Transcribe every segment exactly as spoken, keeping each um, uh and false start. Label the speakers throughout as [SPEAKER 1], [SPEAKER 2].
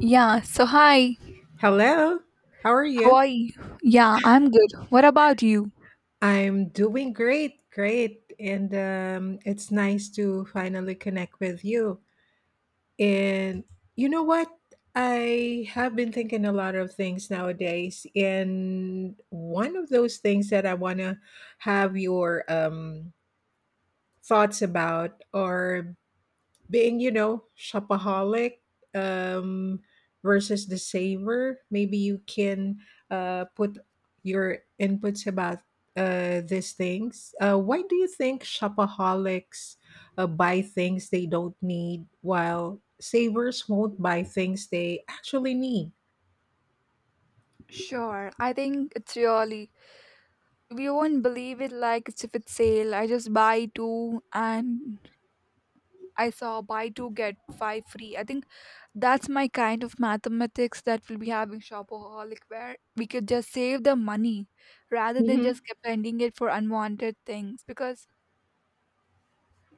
[SPEAKER 1] Yeah, so hi,
[SPEAKER 2] Hello. How are
[SPEAKER 1] how
[SPEAKER 2] you?
[SPEAKER 1] are you? Yeah, I'm good. What about you?
[SPEAKER 2] I'm doing great, great. And um, it's nice to finally connect with you. And you know what? I have been thinking a lot of things nowadays. And one of those things that I want to have your um, thoughts about are being you know shopaholic um, versus the saver. Maybe you can uh, put your inputs about uh, these things. Uh, why do you think shopaholics uh, buy things they don't need while savers won't buy things they actually need?
[SPEAKER 1] Sure, I think it's really we won't believe it like it's if it's sale. I just buy two and I saw buy two get five free. I think that's my kind of mathematics that we'll be having shopaholic where we could just save the money rather than just
[SPEAKER 2] Hmm.
[SPEAKER 1] spending it for unwanted things because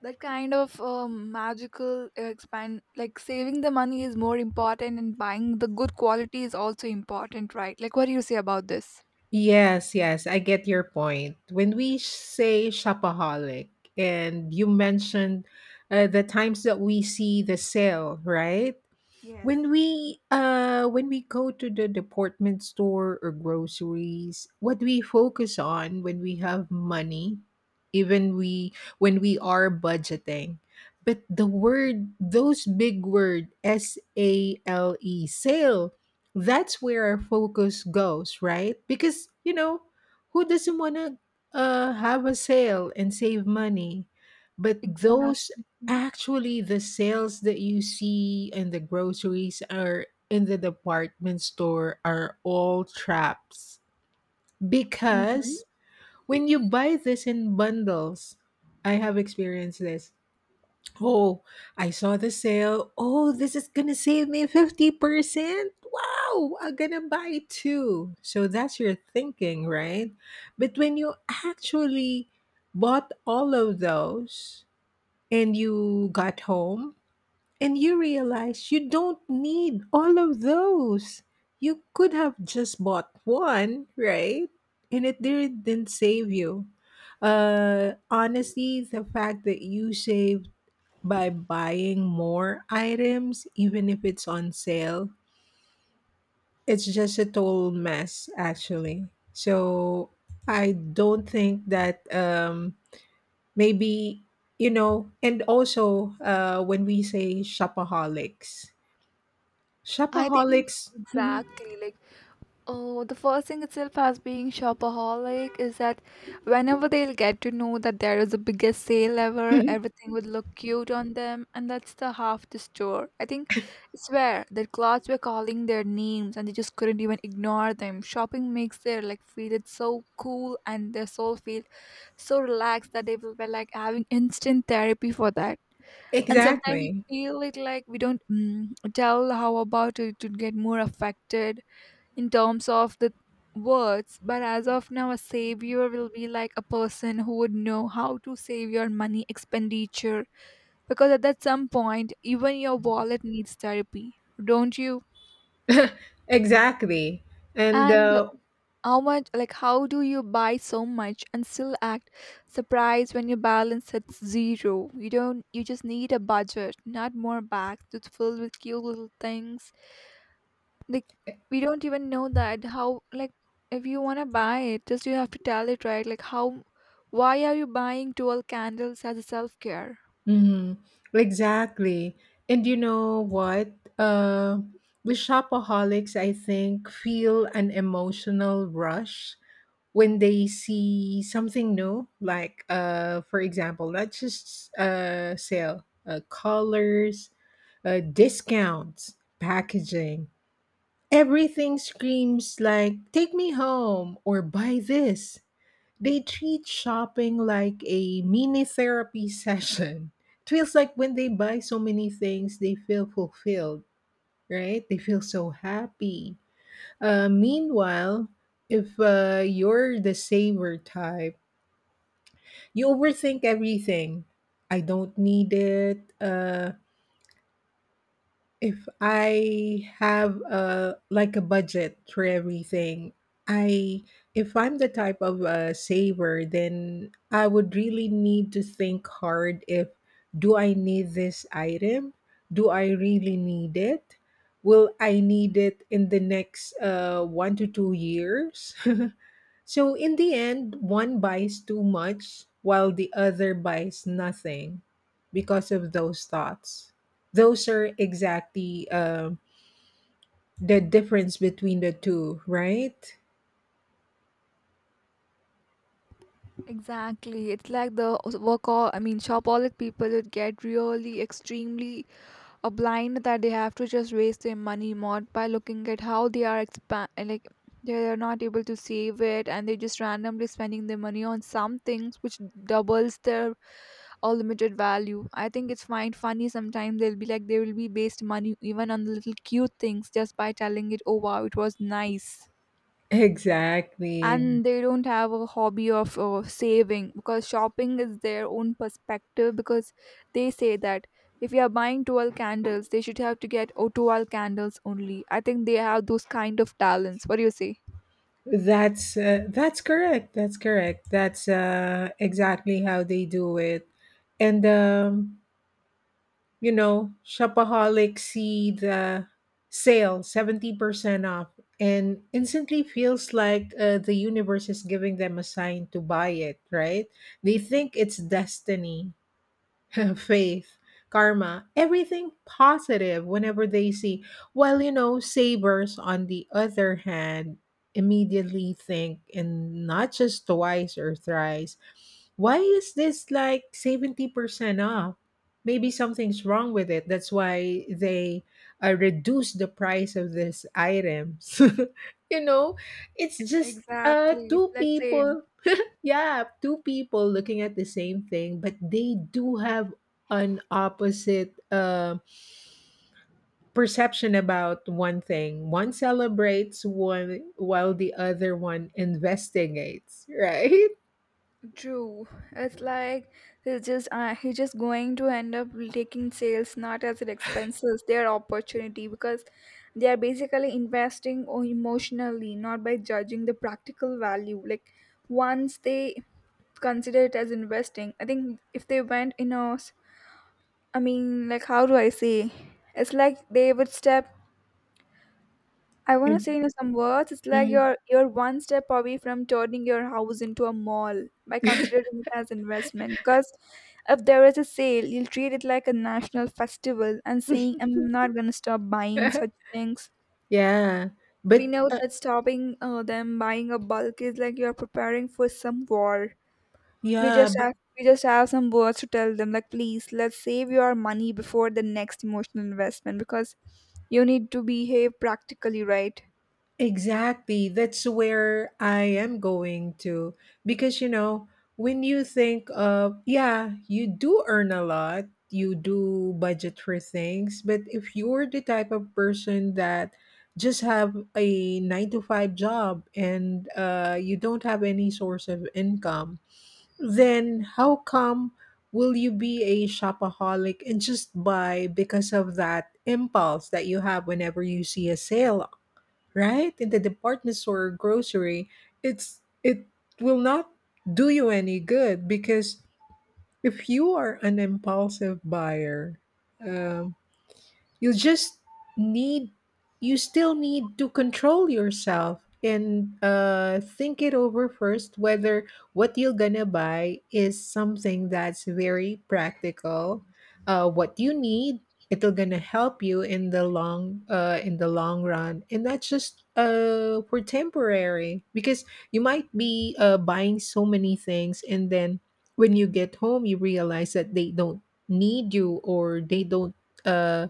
[SPEAKER 1] that kind of um, magical uh, expand like saving the money is more important and buying the good quality is also important, right? Like what do you say about this?
[SPEAKER 2] Yes, yes, I get your point. When we say shopaholic, and you mentioned uh, the times that we see the sale, right? When we uh when we go to the department store or groceries, what we focus on when we have money, even we when we are budgeting. But the word, those big word S A L E, sale, that's where our focus goes, right? Because you know, who doesn't want to uh, have a sale and save money? But those.
[SPEAKER 1] Exactly.
[SPEAKER 2] Actually, the sales that you see in the groceries or in the department store are all traps
[SPEAKER 1] Mm-hmm.
[SPEAKER 2] because when you buy this in bundles, I have experienced this. Oh, I saw the sale. Oh, this is gonna save me fifty percent. Wow, I'm gonna buy two. So that's your thinking, right? But when you actually bought all of those and you got home, and you realize you don't need all of those. You could have just bought one, right? And it didn't save you. Uh, honestly, the fact that you saved by buying more items, even if it's on sale, it's just a total mess, actually. So I don't think that, um, maybe, you know, and also, uh, when we say shopaholics,
[SPEAKER 1] I think
[SPEAKER 2] shopaholics. Mhm.
[SPEAKER 1] exactly like oh, the first thing itself as being shopaholic is that whenever they'll get to know that there is a biggest sale ever,
[SPEAKER 2] Mhm.
[SPEAKER 1] everything would look cute on them and that's the half the store. I think it's where their clothes were calling their names and they just couldn't even ignore them. Shopping makes their like feel it's so cool and their soul feel so relaxed that they will be like having instant therapy for that, and sometimes we
[SPEAKER 2] Exactly.
[SPEAKER 1] feel it like we don't mm, tell how about it to get more affected in terms of the words, but as of now a savior will be like a person who would know how to save your money expenditure because at that some point even your wallet needs therapy, don't you?
[SPEAKER 2] Exactly. And
[SPEAKER 1] And
[SPEAKER 2] uh,
[SPEAKER 1] how much, like, how do you buy so much and still act surprised when your balance hits zero? You don't, you just need a budget, not more bags that's filled with cute little things like we don't even know that how, like if you want to buy it just you have to tell it, right? Like how, why are you buying twelve candles as a self-care?
[SPEAKER 2] mhm. Exactly. And you know what? Uh, the shopaholics, I think, feel an emotional rush when they see something new. Like, uh, for example, let's just uh, sale, uh, colors, uh, discounts, packaging. Everything screams like, take me home or buy this. They treat shopping like a mini therapy session. It feels like when they buy so many things, they feel fulfilled, right? They feel so happy. Uh, meanwhile, if uh, you're the saver type, you overthink everything. I don't need it. Uh, If I have a like a budget for everything, I if I'm the type of a saver, then I would really need to think hard, if do I need this item? Do I really need it? Will I need it in the next uh, one to two years? So, in the end, one buys too much while the other buys nothing because of those thoughts. Those are exactly um the difference between the two, right?
[SPEAKER 1] Exactly. It's like the work all I mean shopaholic people would get really extremely uh, blind that they have to just waste their money more by looking at how they are expand like they are not able to save it and they're just randomly spending their money on some things which doubles their unlimited value. I think it's fine funny sometimes they'll be like they will be waste money even on the little cute things just by telling it oh wow it was nice,
[SPEAKER 2] Exactly.
[SPEAKER 1] and they don't have a hobby of uh, saving because shopping is their own perspective because they say that if you are buying twelve candles they should have to get oh, twelve candles only. I think they have those kind of talents. What do you say?
[SPEAKER 2] That's uh, that's correct. That's correct. That's uh, exactly how they do it. And um, you know, shopaholics see the sale, seventy percent off, and instantly feels like uh, the universe is giving them a sign to buy it, right? They think it's destiny. Faith, karma, everything positive whenever they see. While, you know, sabers, on the other hand, immediately think, and not just twice or thrice, why is this like seventy percent off? Maybe something's wrong with it. That's why they uh, reduce the price of these items. you know, it's just uh,
[SPEAKER 1] Exactly. It's
[SPEAKER 2] two
[SPEAKER 1] like say
[SPEAKER 2] people, yeah, two people looking at the same thing, but they do have an opposite uh, perception about one thing. One celebrates one while the other one investigates, right?
[SPEAKER 1] true. It's like he's just uh, he's just going to end up taking sales not as an expenses, their opportunity because they are basically investing o- emotionally, not by judging the practical value. Like once they consider it as investing, I think if they went in a, s- I mean, like how do I say? It's like they would step I want to say in some words, it's like
[SPEAKER 2] Mhm.
[SPEAKER 1] you're you're one step away from turning your house into a mall by considering it as investment. Because if there is a sale, you'll treat it like a national festival and saying, "I'm not gonna stop buying such things."
[SPEAKER 2] yeah,
[SPEAKER 1] We
[SPEAKER 2] but
[SPEAKER 1] know
[SPEAKER 2] uh,
[SPEAKER 1] that stopping uh, them buying a bulk is like you're preparing for some war. We
[SPEAKER 2] yeah,
[SPEAKER 1] just
[SPEAKER 2] but
[SPEAKER 1] have we just have some words to tell them, like, "Please, let's save your money before the next emotional investment," because you need to behave practically, right?
[SPEAKER 2] Exactly. That's where I am going to. Because, you know, when you think of, yeah, you do earn a lot, you do budget for things, but if you're the type of person that just have a nine to five job and uh, you don't have any source of income, then how come will you be a shopaholic and just buy because of that impulse that you have whenever you see a sale, right, in the department store or grocery? It's it will not do you any good because if you are an impulsive buyer, um, you just need you still need to control yourself and uh, think it over first whether what you're gonna buy is something that's very practical, uh, what you need. It'll gonna help you in the long uh, in the long run, and that's just uh, for temporary, because you might be uh, buying so many things and then when you get home you realize that they don't need you, or they don't uh,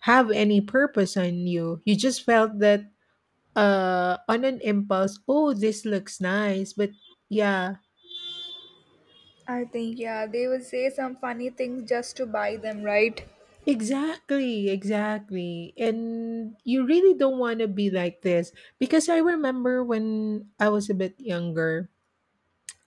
[SPEAKER 2] have any purpose on you. You just felt that, uh on an impulse, oh, this looks nice, but yeah.
[SPEAKER 1] I think, yeah, they will say some funny things just to buy them, right?
[SPEAKER 2] Exactly, exactly. And you really don't want to be like this because I remember when I was a bit younger,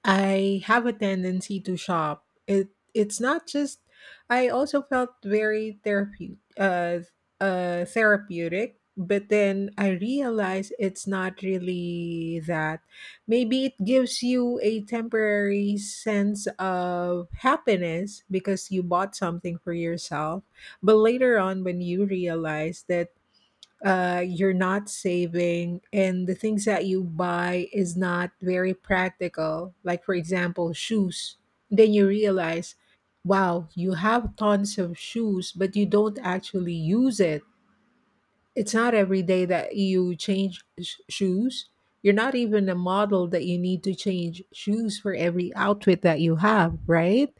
[SPEAKER 2] I have a tendency to shop. It it's not just, I also felt very therapeutic uh uh therapeutic, but then I realized it's not really that. Maybe it gives you a temporary sense of happiness because you bought something for yourself, but later on when you realize that uh, you're not saving and the things that you buy is not very practical, like for example shoes, then you realize, wow, you have tons of shoes but you don't actually use it. It's not every day that you change sh- shoes. You're not even a model that you need to change shoes for every outfit that you have, right?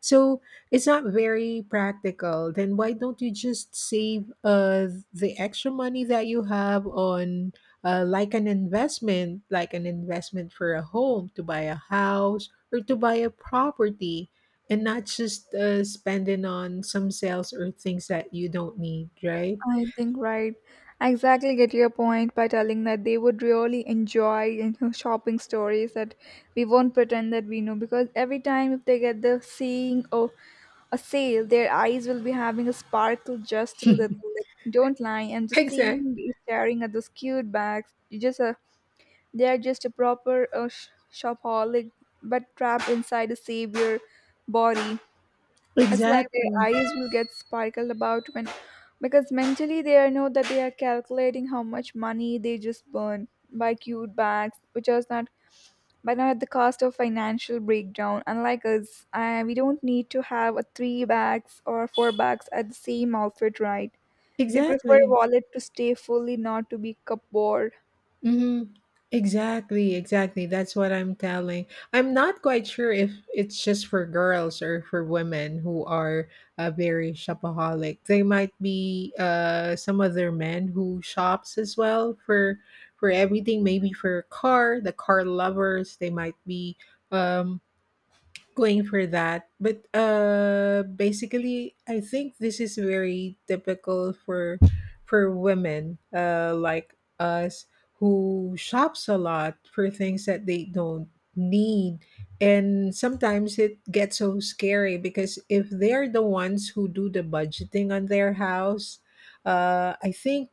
[SPEAKER 2] So it's not very practical. Then why don't you just save uh, the extra money that you have on uh, like an investment, like an investment for a home, to buy a house or to buy a property, and not just uh, spending on some sales or things that you don't need, right?
[SPEAKER 1] I think, right. I exactly get your point by telling that they would really enjoy you know, shopping stories that we won't pretend that we know because every time if they get the seeing or a sale, their eyes will be having a sparkle just a little. Like, don't lie. And just
[SPEAKER 2] Exactly.
[SPEAKER 1] seeing you staring at those cute bags, you just uh, they are just a proper uh, sh- shopaholic, but trapped inside a savior body. It's like their
[SPEAKER 2] Exactly.
[SPEAKER 1] eyes will get sparkled about when, because mentally they are know that they are calculating how much money they just burn by cute bags, which is not, but not at the cost of financial breakdown. Unlike us, uh, we don't need to have a three bags or four bags at the same outfit, right? We prefer a
[SPEAKER 2] Exactly.
[SPEAKER 1] wallet to stay fully, not to be cupboard.
[SPEAKER 2] Mhm. Exactly, exactly. That's what I'm telling. I'm not quite sure if it's just for girls or for women who are uh, very shopaholic. They might be uh, some other men who shops as well for for everything. Maybe for car, the car lovers. They might be um, going for that. But uh, basically, I think this is very typical for for women uh, like us, who shops a lot for things that they don't need. And sometimes it gets so scary because if they're the ones who do the budgeting on their house, uh, I think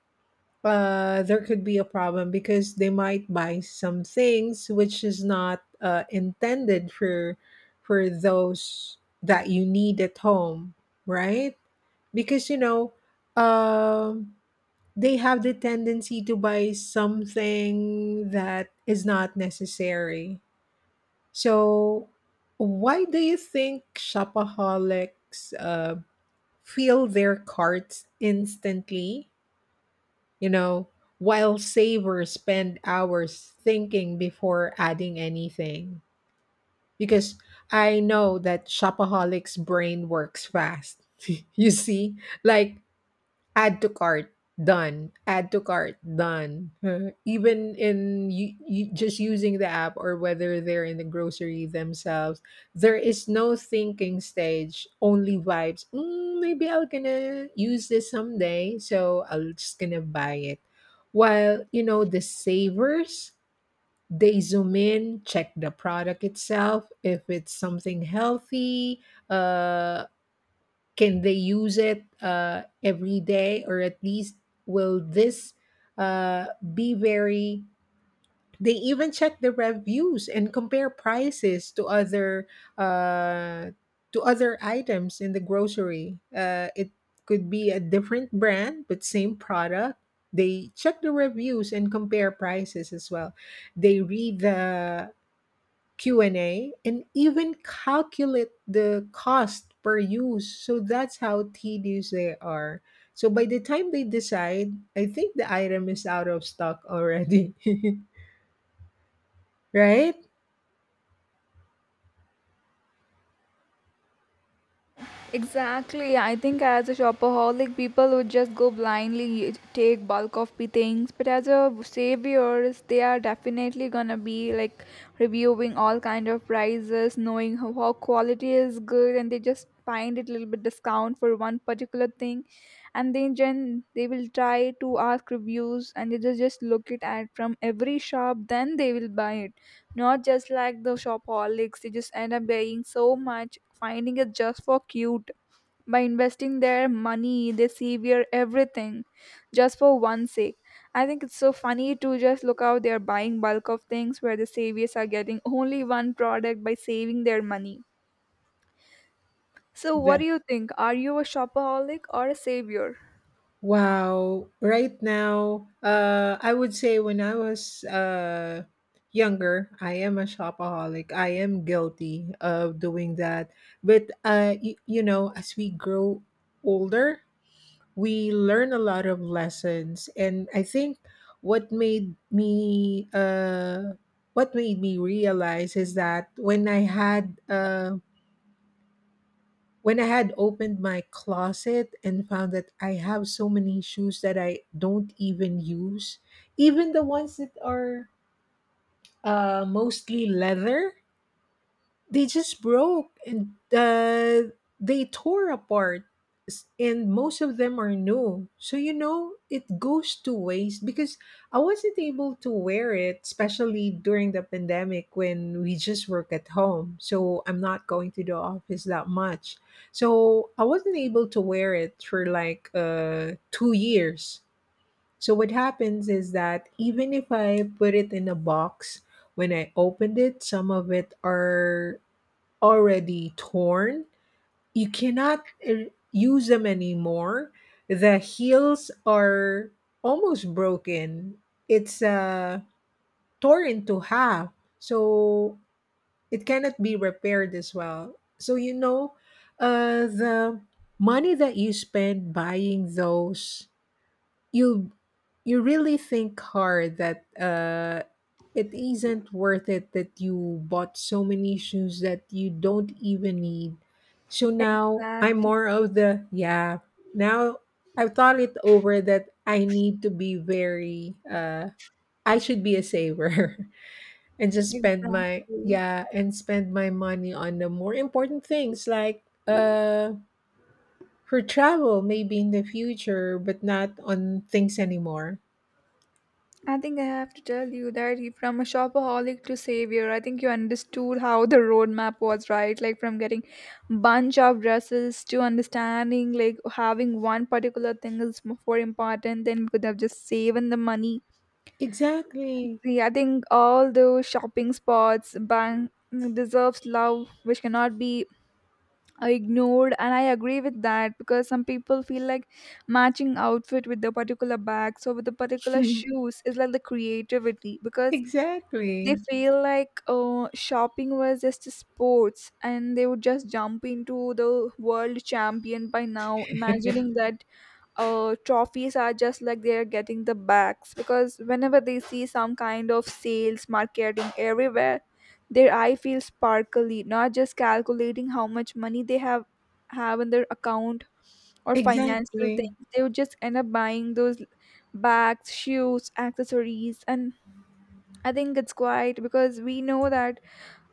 [SPEAKER 2] uh, there could be a problem because they might buy some things which is not uh, intended for for those that you need at home, right? Because you know, um, they have the tendency to buy something that is not necessary. So, why do you think shopaholics uh, fill their carts instantly, you know, while savers spend hours thinking before adding anything? Because I know that shopaholics' brain works fast. You see? Like, add to cart, done, add to cart, done. Even in you, you just using the app, or whether they're in the grocery themselves, there is no thinking stage, only vibes. Mm, maybe I'll gonna use this someday, so I'll just gonna buy it. While you know the savers, they zoom in, check the product itself, if it's something healthy. uh can they use it uh, every day, or at least, will this uh, be very? They even check the reviews and compare prices to other uh, to other items in the grocery. Uh, it could be a different brand but same product. They check the reviews and compare prices as well. They read the Q and A and A, and even calculate the cost per use. So that's how tedious they are. So by the time they decide, I think the item is out of stock already. Right?
[SPEAKER 1] Exactly. I think as a shopaholic, people would just go blindly take bulk of the things. But as a saviors, they are definitely gonna be like reviewing all kind of prices, knowing how, how quality is good, and they just find it a little bit discount for one particular thing, and then gen they will try to ask reviews, and they just just look it at from every shop. Then they will buy it. Not just like the shopaholics, they just end up buying so much, finding it just for cute. By investing their money, they sever everything just for one sake. I think it's so funny to just look how they're buying bulk of things where the saviors are getting only one product by saving their money. So, what do
[SPEAKER 2] The,
[SPEAKER 1] you think? Are you a shopaholic or a savior?
[SPEAKER 2] wow. Right now, uh I would say when I was uh younger, I am a shopaholic. I am guilty of doing that. But uh you, you know, as we grow older, we learn a lot of lessons, and I think what made me uh what made me realize is that when i had uh when i had opened my closet and found that I have so many shoes that I don't even use. Even the ones that are uh mostly leather, they just broke and uh, they tore apart. S- and most of them are new, so you know it goes to waste because I wasn't able to wear it, especially during the pandemic, when we just work at home, so I'm not going to the office that much. So I wasn't able to wear it for like uh, two years. So what happens is that even if I put it in a box, when I opened it, some of it are already torn, you cannot uh, use them anymore. The heels are almost broken. It's uh, torn into half, so it cannot be repaired as well. So you know, uh, the money that you spend buying those, you you really think hard that uh it isn't worth it, that you bought so many shoes that you don't even need. So now I'm
[SPEAKER 1] Exactly,
[SPEAKER 2] more of the, yeah. Now I've thought it over that I need to be very uh I should be a saver. And just spend my,
[SPEAKER 1] exactly.
[SPEAKER 2] yeah, and spend my money on the more important things, like uh for travel, maybe in the future, but not on things anymore.
[SPEAKER 1] I think I have to tell you that you- from a shopaholic to savior, I think you understood how the roadmap was, right? Like from getting bunch of dresses to understanding like having one particular thing is more important, then we could have just saving the money.
[SPEAKER 2] Exactly.
[SPEAKER 1] Yeah, I think all those shopping spots bang deserves love, which cannot be ignored, and I agree with that because some people feel like matching outfit with the particular bags or with the particular shoes is like the creativity because they
[SPEAKER 2] Exactly.
[SPEAKER 1] feel like uh, shopping was just sports and they would just jump into the world champion by now, imagining that uh, trophies are just like they are getting the bags. Because whenever they see some kind of sales, marketing everywhere, their eye feels sparkly, not just calculating how much money they have have in their account or financial
[SPEAKER 2] Exactly.
[SPEAKER 1] things. They would just end up buying those bags, shoes, accessories, and I think it's quite because we know that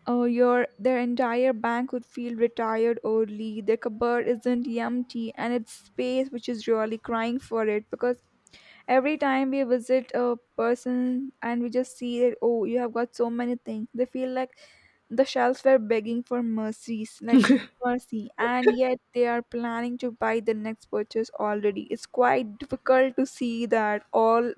[SPEAKER 1] uh, your their entire bank would feel retired early. Their cupboard isn't empty, and it's space which is really crying for it. Because every time we visit a person and we just see that oh, you have got so many things, they feel like the shelves were begging for mercies, like mercy, and yet they are planning to buy the next purchase already. It's quite difficult to see that all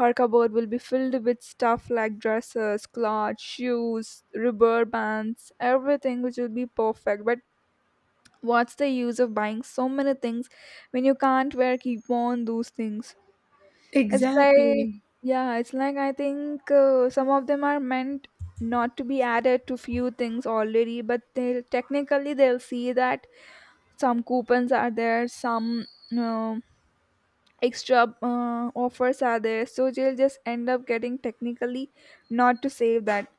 [SPEAKER 1] Harkaboard will be filled with stuff like dresses, clothes, shoes, rubber bands, everything which will be perfect. But what's the use of buying so many things when you can't wear keep on those things? It's like
[SPEAKER 2] Exactly.
[SPEAKER 1] yeah, it's like I think uh, some of them are meant not to be added to few things already, but they technically they'll see that some coupons are there, some no extra uh, offers are there so you'll just end up getting technically not to save that.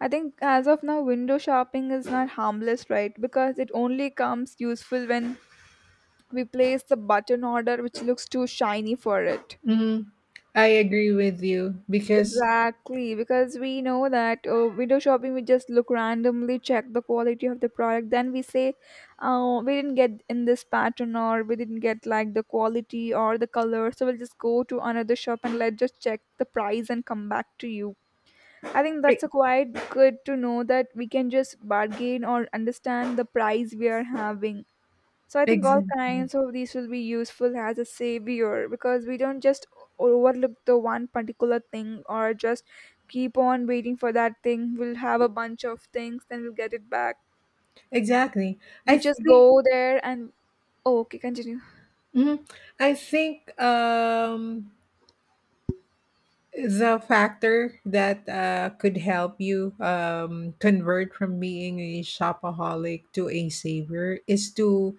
[SPEAKER 1] I think as of now window shopping is not harmless, right? Because it only comes useful when we place the button order which looks too shiny for it.
[SPEAKER 2] Mm, I agree with you because,
[SPEAKER 1] Exactly, because we know that uh, window shopping, we just look randomly, check the quality of the product, then we say, oh, we didn't get in this pattern, or we didn't get like the quality or the color, so we'll just go to another shop and let's just check the price and come back to you. I think that's
[SPEAKER 2] e-
[SPEAKER 1] a quite good to know that we can just bargain or understand the price we are having. So I think all
[SPEAKER 2] exactly.
[SPEAKER 1] kinds of these will be useful as a savior because we don't just o- overlook the one particular thing or just keep on waiting for that thing. We'll have a bunch of things, then we'll get it back.
[SPEAKER 2] Exactly.
[SPEAKER 1] We
[SPEAKER 2] I
[SPEAKER 1] just
[SPEAKER 2] think
[SPEAKER 1] go there and oh, okay, continue.
[SPEAKER 2] mhm. I think um the factor that uh, could help you um, convert from being a shopaholic to a saver is to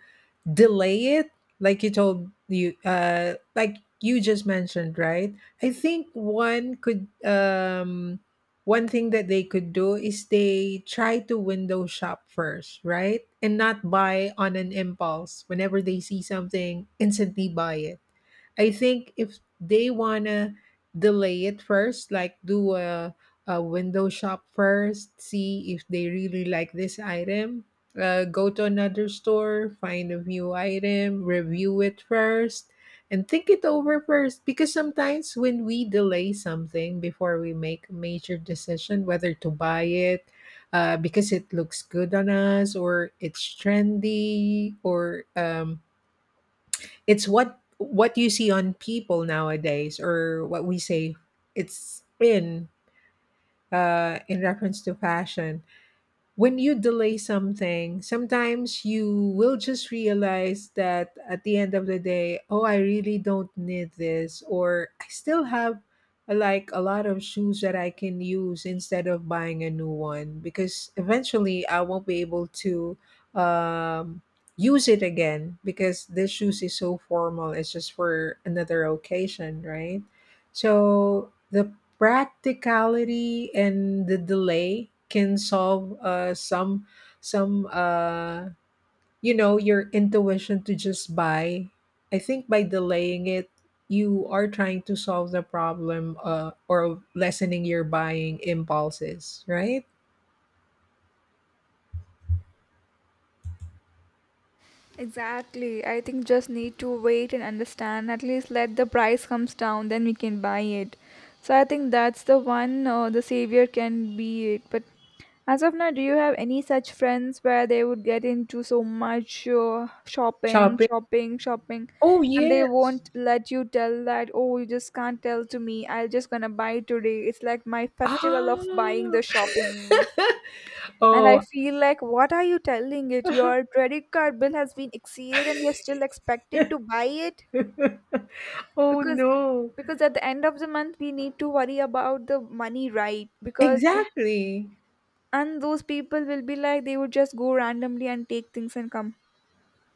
[SPEAKER 2] delay it, like you told you uh like you just mentioned, right? I think one could um one thing that they could do is they try to window shop first, right, and not buy on an impulse whenever they see something, instantly buy it. I think if they wanna delay it first, like, do a, a window shop first, see if they really like this item, uh, go to another store, find a new item, review it first, and think it over first. Because sometimes when we delay something before we make a major decision whether to buy it, uh, because it looks good on us, or it's trendy, or um, it's what what you see on people nowadays, or what we say, it's in uh in reference to fashion. When you delay something, sometimes you will just realize that, at the end of the day, oh, I really don't need this, or I still have, uh, like, a lot of shoes that I can use instead of buying a new one, because eventually I won't be able to um, use it again because this shoes is so formal. It's just for another occasion, right? So the practicality and the delay can solve, uh, some some uh, you know your intuition to just buy. I think by delaying it, you are trying to solve the problem, uh, or lessening your buying impulses, right?
[SPEAKER 1] Exactly. I think just need to wait and understand. At least let the price comes down, then we can buy it. So I think that's the one uh, the savior can be it. But as of now, do you have any such friends where they would get into so much uh, shopping,
[SPEAKER 2] Shopping.
[SPEAKER 1] shopping, shopping,
[SPEAKER 2] Oh,
[SPEAKER 1] and they
[SPEAKER 2] yes.
[SPEAKER 1] won't let you tell that? Oh, you just can't tell to me. I'll just gonna buy today. It's like my festival of buying the
[SPEAKER 2] Ah.
[SPEAKER 1] shopping. And I
[SPEAKER 2] Oh.
[SPEAKER 1] feel like, what are you telling it? Your credit card bill has been exceeded and you're still expected to buy it?
[SPEAKER 2] Oh,
[SPEAKER 1] Because
[SPEAKER 2] no.
[SPEAKER 1] because at the end of the month we need to worry about the money, right? Because we,
[SPEAKER 2] Exactly.
[SPEAKER 1] and those people will be like they would just go randomly and take things and come.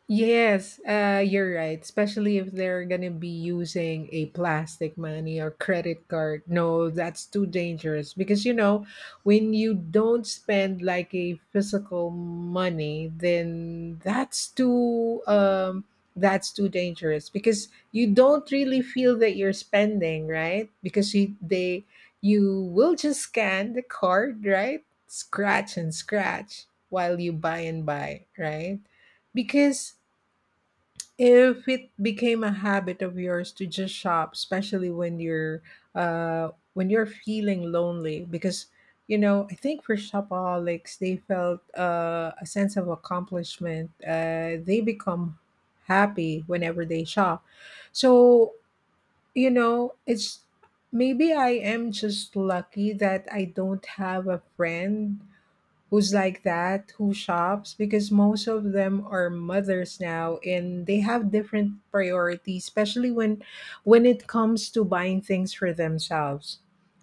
[SPEAKER 2] Yes, uh, you're right. Especially if they're gonna be using a plastic money or credit card. No, that's too dangerous, because you know when you don't spend like a physical money, then that's too um that's too dangerous because you don't really feel that you're spending, right? Because you they you will just scan the card, right? Scratch and scratch while you buy and buy, right? Because if it became a habit of yours to just shop, especially when you're uh when you're feeling lonely. Because you know, I think for shopaholics, they felt uh, a sense of accomplishment. Uh, they become happy whenever they shop. So, you know, it's maybe I am just lucky that I don't have a friend who's like that, who shops, because most of them are mothers now and they have different priorities, especially when when it comes to buying things for themselves.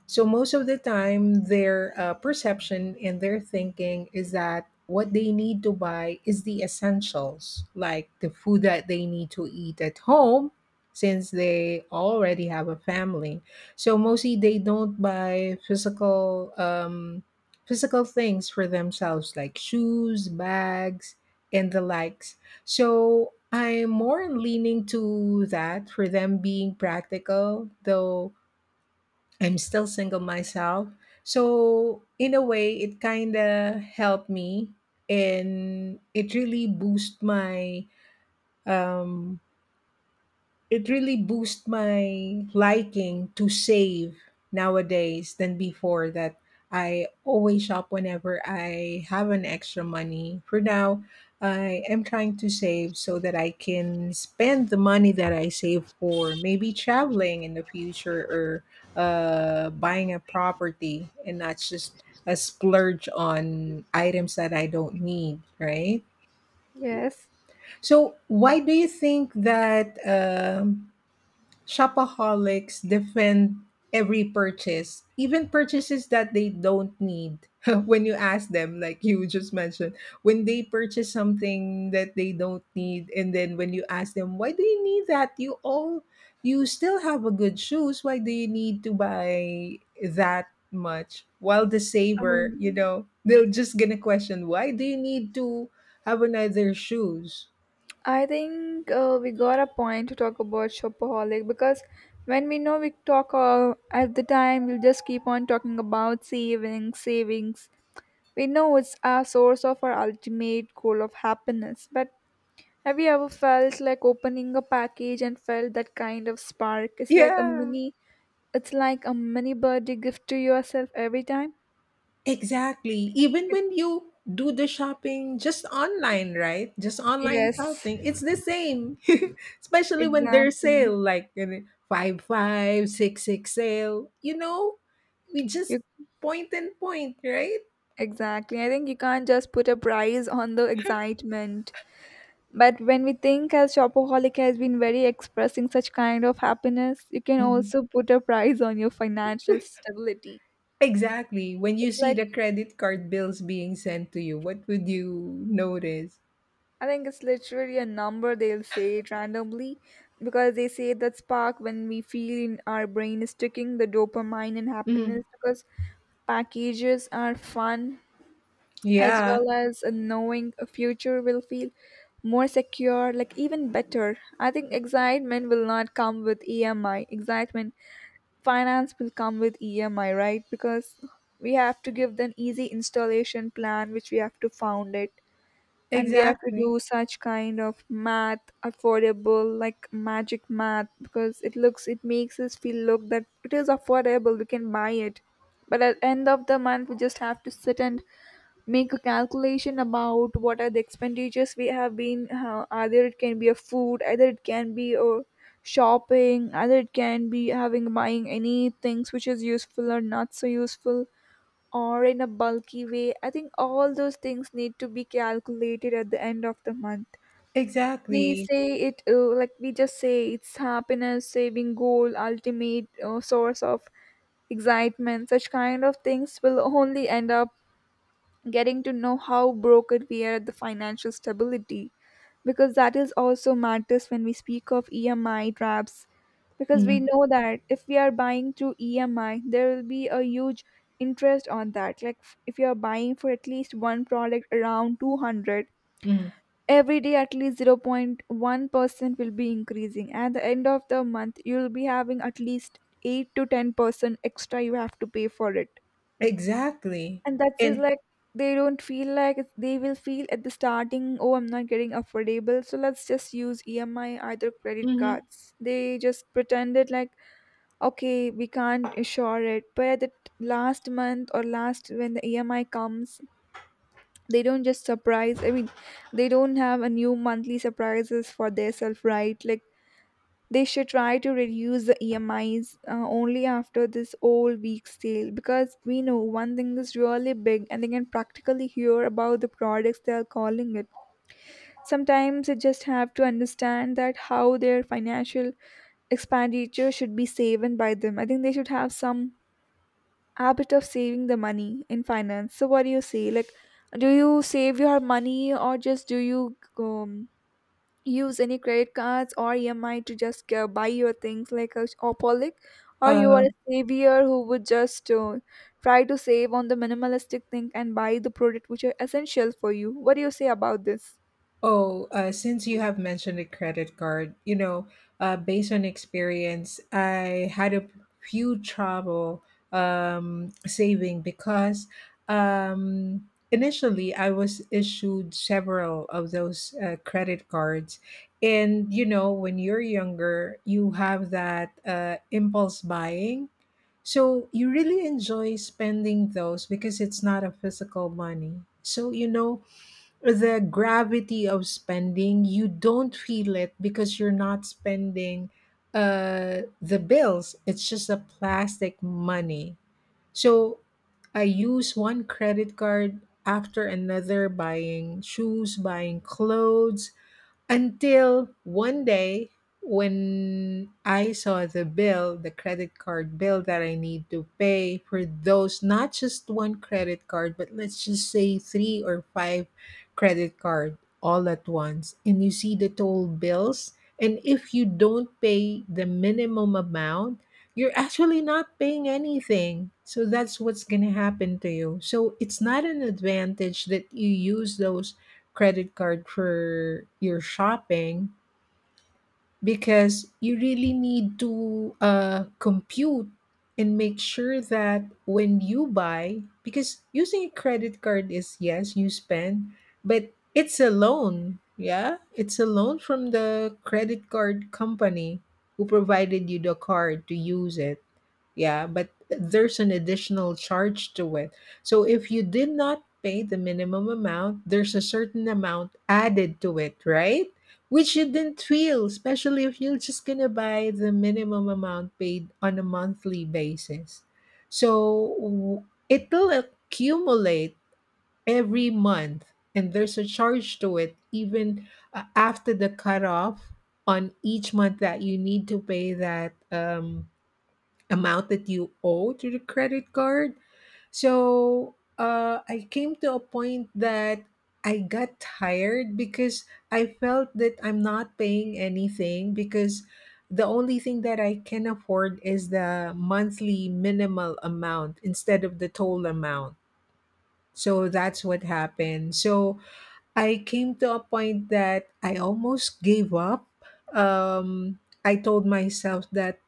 [SPEAKER 2] So most of the time, their uh, perception and their thinking is that what they need to buy is the essentials, like the food that they need to eat at home, since they already have a family. So mostly they don't buy physical um, physical things for themselves, like shoes, bags, and the likes. So I'm more leaning to that for them being practical, though I'm still single myself. So in a way, it kind of helped me, and it really boosted my um, it really boosts my liking to save nowadays than before, that I always shop whenever I have an extra money. For now, I am trying to save so that I can spend the money that I save for maybe traveling in the future, or uh, buying a property, and not just a splurge on items that I don't need, right?
[SPEAKER 1] Yes.
[SPEAKER 2] So, why do you think that um, shopaholics defend every purchase, even purchases that they don't need? When you ask them, like you just mentioned, when they purchase something that they don't need, and then when you ask them, why do you need that? You all, you still have a good shoes. Why do you need to buy that much? While the saver, you
[SPEAKER 1] Um,
[SPEAKER 2] know, they're just gonna question, why do you need to have another shoes?
[SPEAKER 1] I think uh, we got a point to talk about shopaholic because when we know we talk uh, at the time, we'll just keep on talking about savings, savings, We know it's a source of our ultimate goal of happiness, but have you ever felt like opening a package and felt that kind of spark? It's like a
[SPEAKER 2] Yeah.
[SPEAKER 1] mini it's like a mini birthday gift to yourself every time.
[SPEAKER 2] Exactly. Even when you do the shopping just online, right? Just online
[SPEAKER 1] Yes,
[SPEAKER 2] shopping, it's the same. Especially when there's
[SPEAKER 1] exactly.
[SPEAKER 2] sale, like you know, five five, six six sale. You know, we just
[SPEAKER 1] You
[SPEAKER 2] point and point, right?
[SPEAKER 1] exactly. I think you can't just put a price on the excitement. But when we think as shopaholic has been very expressing such kind of happiness, you can
[SPEAKER 2] Mhm.
[SPEAKER 1] also put a price on your financial stability.
[SPEAKER 2] Exactly. When you
[SPEAKER 1] It's
[SPEAKER 2] see
[SPEAKER 1] like,
[SPEAKER 2] the credit card bills being sent to you, what would you notice?
[SPEAKER 1] I think it's literally a number they'll say it randomly because they say that spark when we feel in our brain is ticking, the dopamine and happiness
[SPEAKER 2] Mhm.
[SPEAKER 1] because packages are fun as
[SPEAKER 2] Yeah,
[SPEAKER 1] well as a knowing a future will feel more secure, like even better. I think excitement will not come with E M I. Excitement finance will come with E M I, right? Because we have to give them easy installation plan which we have to found it, and we have to
[SPEAKER 2] exactly.
[SPEAKER 1] do such kind of math affordable like magic math because it looks it makes us feel look that it is affordable, we can buy it, but at end of the month we just have to sit and make a calculation about what are the expenditures we have been, uh, either it can be a food, either it can be a shopping, either it can be having buying any things which is useful or not so useful or in a bulky way. I think all those things need to be calculated at the end of the month. We
[SPEAKER 2] Exactly.
[SPEAKER 1] say it uh, like we just say it's happiness, saving goal, ultimate uh, source of excitement. Such kind of things will only end up getting to know how broken we are at the financial stability, because that is also matters when we speak of E M I traps, because we
[SPEAKER 2] Mhm.
[SPEAKER 1] know that if we are buying through E M I there will be a huge interest on that, like f- if you are buying for at least one product around two hundred
[SPEAKER 2] Mhm.
[SPEAKER 1] every day, at least zero point one percent will be increasing. At the end of the month you'll be having at least eight to ten percent extra you have to pay for it,
[SPEAKER 2] Exactly.
[SPEAKER 1] and that is
[SPEAKER 2] And.
[SPEAKER 1] like, they don't feel like it's- they will feel at the starting, oh, I'm not getting affordable, so let's just use E M I, either credit
[SPEAKER 2] Mhm.
[SPEAKER 1] cards. They just pretended like, okay, we can't assure it. But at the t- last month or last when the E M I comes, they don't just surprise. I mean, they don't have a new monthly surprises for their self, right? Like they should try to reduce the E M Is uh, only after this whole week's sale because we know one thing is really big and they can practically hear about the products they are calling it. Sometimes they just have to understand that how their financial expenditure should be saved by them. I think they should have some habit of saving the money in finance. So what do you say? Like, do you save your money or just do you um, use any credit cards or E M I to just uh, buy your things like a Opolic, or you are
[SPEAKER 2] uh
[SPEAKER 1] a savior who would just uh, try to save on the minimalistic thing and buy the product which are essential for you. What do you say about this?
[SPEAKER 2] Oh, uh, since you have mentioned a credit card, you know, uh, based on experience, I had a few trouble um, saving, because um, initially I was issued several of those uh, credit cards. And, you know, when you're younger, you have that uh, impulse buying. So you really enjoy spending those because it's not a physical money. So, you know, the gravity of spending, you don't feel it because you're not spending uh the bills. It's just a plastic money. So I use one credit card after another, buying shoes, buying clothes, until one day when I saw the bill, the credit card bill that I need to pay for those, not just one credit card, but let's just say three or five credit card all at once. And you see the total bills. And if you don't pay the minimum amount, you're actually not paying anything. So that's what's going to happen to you. So it's not an advantage that you use those credit card for your shopping, because you really need to uh, compute and make sure that when you buy, because using a credit card is, yes, you spend, but it's a loan. Yeah, it's a loan from the credit card company who provided you the card to use it. Yeah, but there's an additional charge to it. So if you did not pay the minimum amount, there's a certain amount added to it, right? Which you didn't feel, especially if you're just gonna buy the minimum amount paid on a monthly basis. So w- it'll accumulate every month, and there's a charge to it even uh, after the cutoff on each month that you need to pay that um, amount that you owe to the credit card. So uh, I came to a point that I got tired because I felt that I'm not paying anything, because the only thing that I can afford is the monthly minimal amount instead of the total amount. So that's what happened. So I came to a point that I almost gave up. Um, I told myself that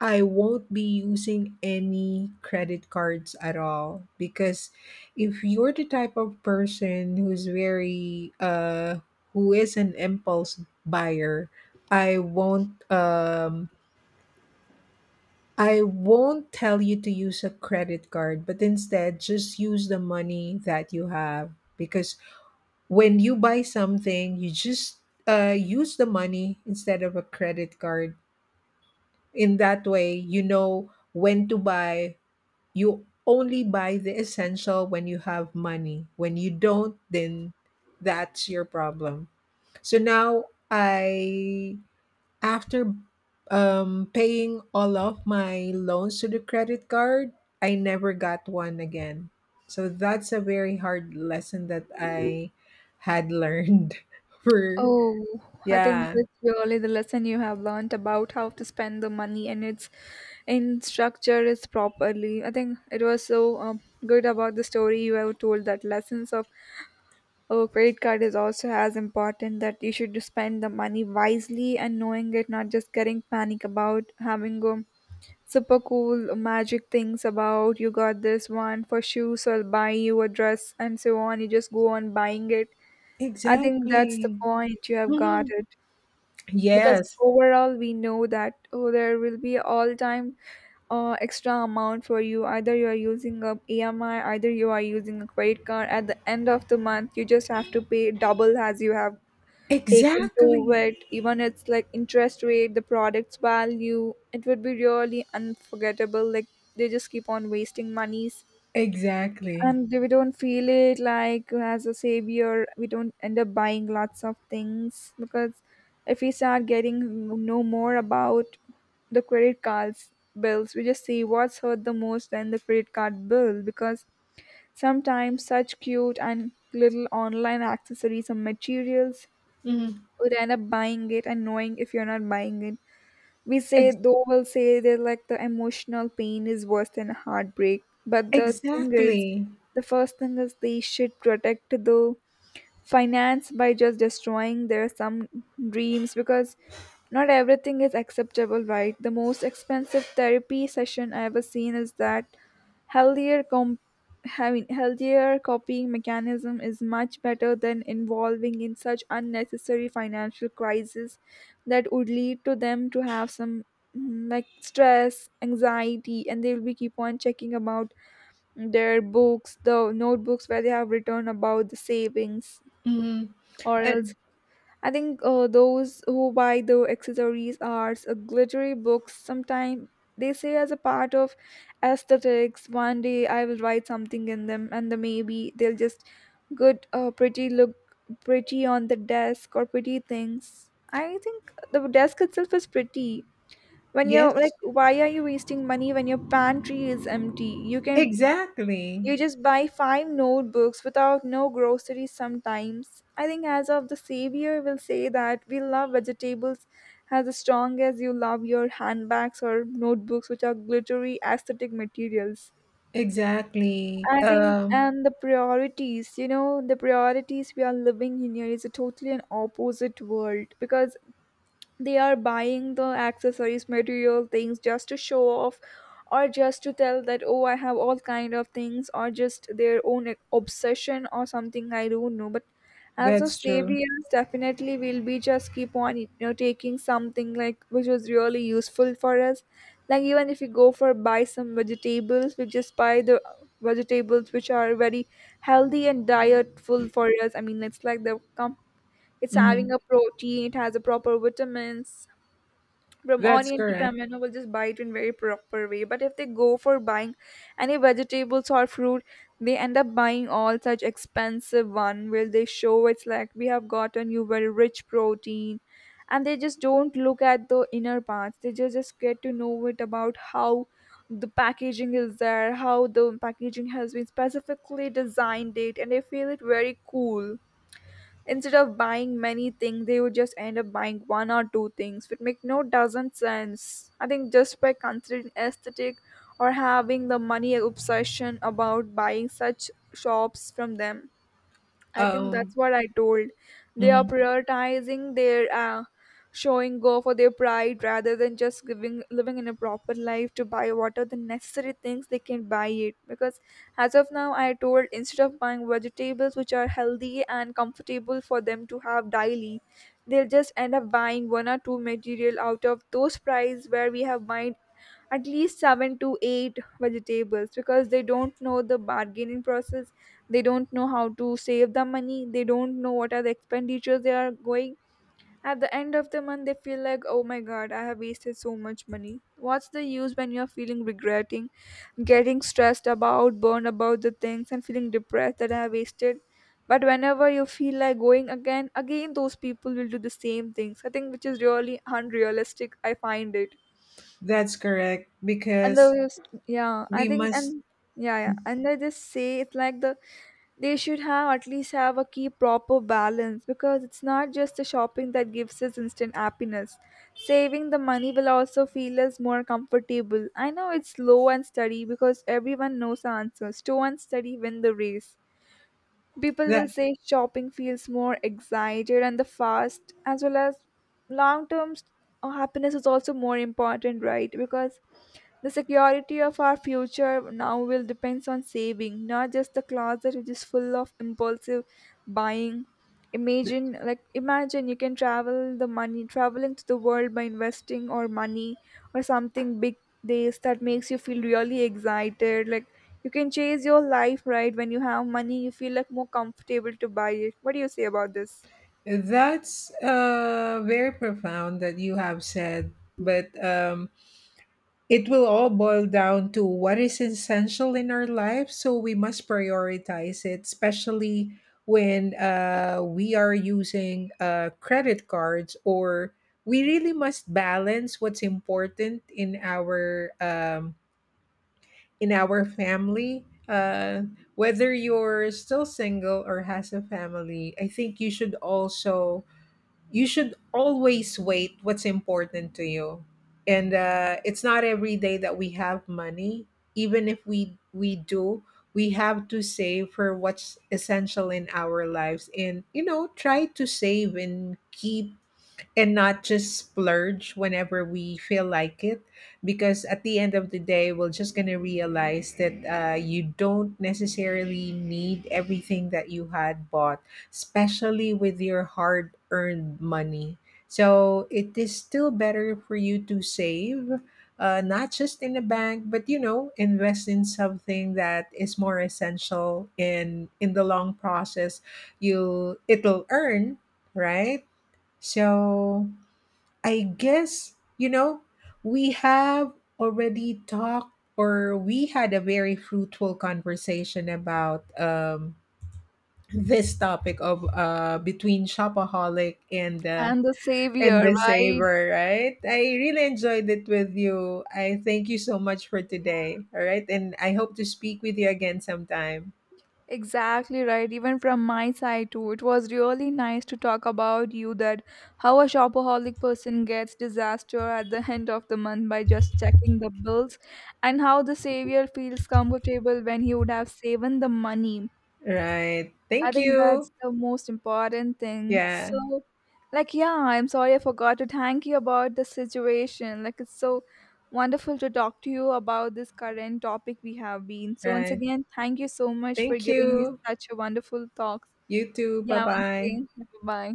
[SPEAKER 2] I won't be using any credit cards at all, because if you're the type of person who's very uh who is an impulse buyer, I won't um I won't tell you to use a credit card, but instead just use the money that you have, because when you buy something, you just uh use the money instead of a credit card. In that way, you know when to buy. You only buy the essential when you have money. When you don't, then that's your problem. So now I, after um, paying all of my loans to the credit card, I never got one again. So that's a very hard lesson that I had learned, for,
[SPEAKER 1] Oh, I think
[SPEAKER 2] yeah,
[SPEAKER 1] it's really the lesson you have learned about how to spend the money and its in structure is properly. I think it was so um, good about the story you have told that lessons of a credit card is also as important that you should spend the money wisely and knowing it, not just getting panic about having, um, super cool magic things about you got this one for shoes, so I'll buy you a dress and so on. You just go on buying it. I think that's the
[SPEAKER 2] exactly.
[SPEAKER 1] point you have got
[SPEAKER 2] Mhm.
[SPEAKER 1] it, because
[SPEAKER 2] Yes,
[SPEAKER 1] overall we know that oh, there will be all time uh, extra amount for you, either you are using a emi, either you are using a credit card, at the end of the month you just have to pay double as you have taken to
[SPEAKER 2] exactly.
[SPEAKER 1] it, even it's like interest rate the product's value, it would be really unforgettable, like they just keep on wasting money,
[SPEAKER 2] Exactly.
[SPEAKER 1] and we don't feel it like as a savior we don't end up buying lots of things because if we start getting know more about the credit cards bills we just see what's hurt the most than the credit card bill, because sometimes such cute and little online accessories or materials
[SPEAKER 2] Mhm.
[SPEAKER 1] would end up buying it, and knowing if you're not buying it we say, though, we'll say that like the emotional pain is worse than heartbreak. But the thing is,
[SPEAKER 2] Exactly.
[SPEAKER 1] the first thing is they should protect the finance by just destroying their some dreams, because not everything is acceptable, right? The most expensive therapy session I ever seen is that, healthier comp- having healthier copying mechanism is much better than involving in such unnecessary financial crisis that would lead to them to have some, mm, like stress anxiety, and they will be keep on checking about their books, the notebooks where they have written about the savings
[SPEAKER 2] Mhm.
[SPEAKER 1] or else.
[SPEAKER 2] And
[SPEAKER 1] I think uh, those who buy the accessories are uh, glittery books. Sometimes they say as a part of aesthetics. One day I will write something in them, and the maybe they'll just good, uh, pretty look, pretty on the desk or pretty things. I think the desk itself is pretty. When you're like,
[SPEAKER 2] yes,
[SPEAKER 1] why are you wasting money when your pantry is empty? You can
[SPEAKER 2] exactly.
[SPEAKER 1] you just buy five notebooks without no groceries sometimes. I think as of the savior will say that we love vegetables as strong as you love your handbags or notebooks which are glittery aesthetic materials.
[SPEAKER 2] Exactly.
[SPEAKER 1] I think
[SPEAKER 2] Um,
[SPEAKER 1] and the priorities, you know, the priorities we are living in here is a totally an opposite world, because they are buying the accessories material things just to show off, or just to tell that oh I have all kind of things, or just their own obsession or something I don't know. But as of
[SPEAKER 2] that's true.
[SPEAKER 1] saviors definitely we'll be just keep on you know taking something like which was really useful for us, like even if you go for buy some vegetables we just buy the vegetables which are very healthy and dietful for us. I mean it's like the com- it's having a
[SPEAKER 2] Mhm.
[SPEAKER 1] protein, it has a proper vitamins. From
[SPEAKER 2] That's
[SPEAKER 1] onion to
[SPEAKER 2] correct.
[SPEAKER 1] tomato, we'll just buy it in very proper way. But if they go for buying any vegetables or fruit, they end up buying all such expensive one where they show it's like we have gotten you very rich protein, and they just don't look at the inner parts, they just, just get to know it about how the packaging is there, how the packaging has been specifically designed it and they feel it very cool. Instead of buying many things they would just end up buying one or two things which make no doesn't sense. I think just by considering aesthetic or having the money obsession about buying such shops from them, I think that's
[SPEAKER 2] Um,
[SPEAKER 1] what I told. They are
[SPEAKER 2] mhm.
[SPEAKER 1] prioritizing their uh, showing go for their pride rather than just giving living in a proper life to buy what are the necessary things they can buy it. Because as of now, I told instead of buying vegetables which are healthy and comfortable for them to have daily, they'll just end up buying one or two material out of those price where we have buying at least seven to eight vegetables, because they don't know the bargaining process, they don't know how to save the money, they don't know what are the expenditures they are going. At the end of the month they feel like oh my god I have wasted so much money, what's the use when you're feeling regretting, getting stressed about burned about the things and feeling depressed that I have wasted. But whenever you feel like going again again those people will do the same things, I think which is really unrealistic I find it.
[SPEAKER 2] That's correct
[SPEAKER 1] And the
[SPEAKER 2] because
[SPEAKER 1] yeah I
[SPEAKER 2] we
[SPEAKER 1] think
[SPEAKER 2] must.
[SPEAKER 1] and yeah yeah and they just say it's like the they should have at least have a key proper balance, because it's not just the shopping that gives us instant happiness, saving the money will also feel us more comfortable. I know it's slow and steady, because everyone knows the answer slow and steady win the race. People will
[SPEAKER 2] that
[SPEAKER 1] say shopping feels more excited and the fast, as well as long term happiness is also more important, right? Because the security of our future now will depends on saving, not just the closet which is full of impulsive buying. Imagine like imagine you can travel the money traveling to the world by investing or money or something big, this that makes you feel really excited, like you can chase your life, right? When you have money you feel like more comfortable to buy it. What do you say about this?
[SPEAKER 2] that's uh very profound that you have said, but um it will all boil down to what is essential in our life, so we must prioritize it, especially when uh, we are using uh, credit cards, or we really must balance what's important in our, um, in our family. Uh, whether you're still single or has a family, I think you should also you should always wait what's important to you, and uh, it's not every day that we have money, even if we we do, we have to save for what's essential in our lives, and you know try to save and keep, and not just splurge whenever we feel like it, because at the end of the day we're just going to realize that, uh, you don't necessarily need everything that you had bought, especially with your hard earned money. So it is still better for you to save, uh, not just in the bank, but you know invest in something that is more essential. In in the long process, you it'll earn, right? So I guess, you know, we have already talked, or we had a very fruitful conversation about, um, this topic of, uh, between shopaholic, and uh,
[SPEAKER 1] And the
[SPEAKER 2] and
[SPEAKER 1] savior
[SPEAKER 2] the
[SPEAKER 1] right,
[SPEAKER 2] saver, right? I really enjoyed it with you. I thank you so much for today. All right. And I hope to speak with you again sometime.
[SPEAKER 1] exactly right, even from my side too it was really nice to talk about you, that how a shopaholic person gets disaster at the end of the month by just checking the bills, and how the savior feels comfortable when he would have saved the money.
[SPEAKER 2] Right.
[SPEAKER 1] I
[SPEAKER 2] Thank
[SPEAKER 1] think that's
[SPEAKER 2] you.
[SPEAKER 1] the most important thing.
[SPEAKER 2] Yeah.
[SPEAKER 1] So, like, yeah, I'm sorry I forgot to thank you about the situation. Like, it's so wonderful to talk to you about this current topic we have been. So, once
[SPEAKER 2] Right.
[SPEAKER 1] again, thank you so much for
[SPEAKER 2] Thank
[SPEAKER 1] giving me
[SPEAKER 2] you.
[SPEAKER 1] such a wonderful talk.
[SPEAKER 2] You too. Bye
[SPEAKER 1] Yeah, once
[SPEAKER 2] bye.
[SPEAKER 1] again, bye.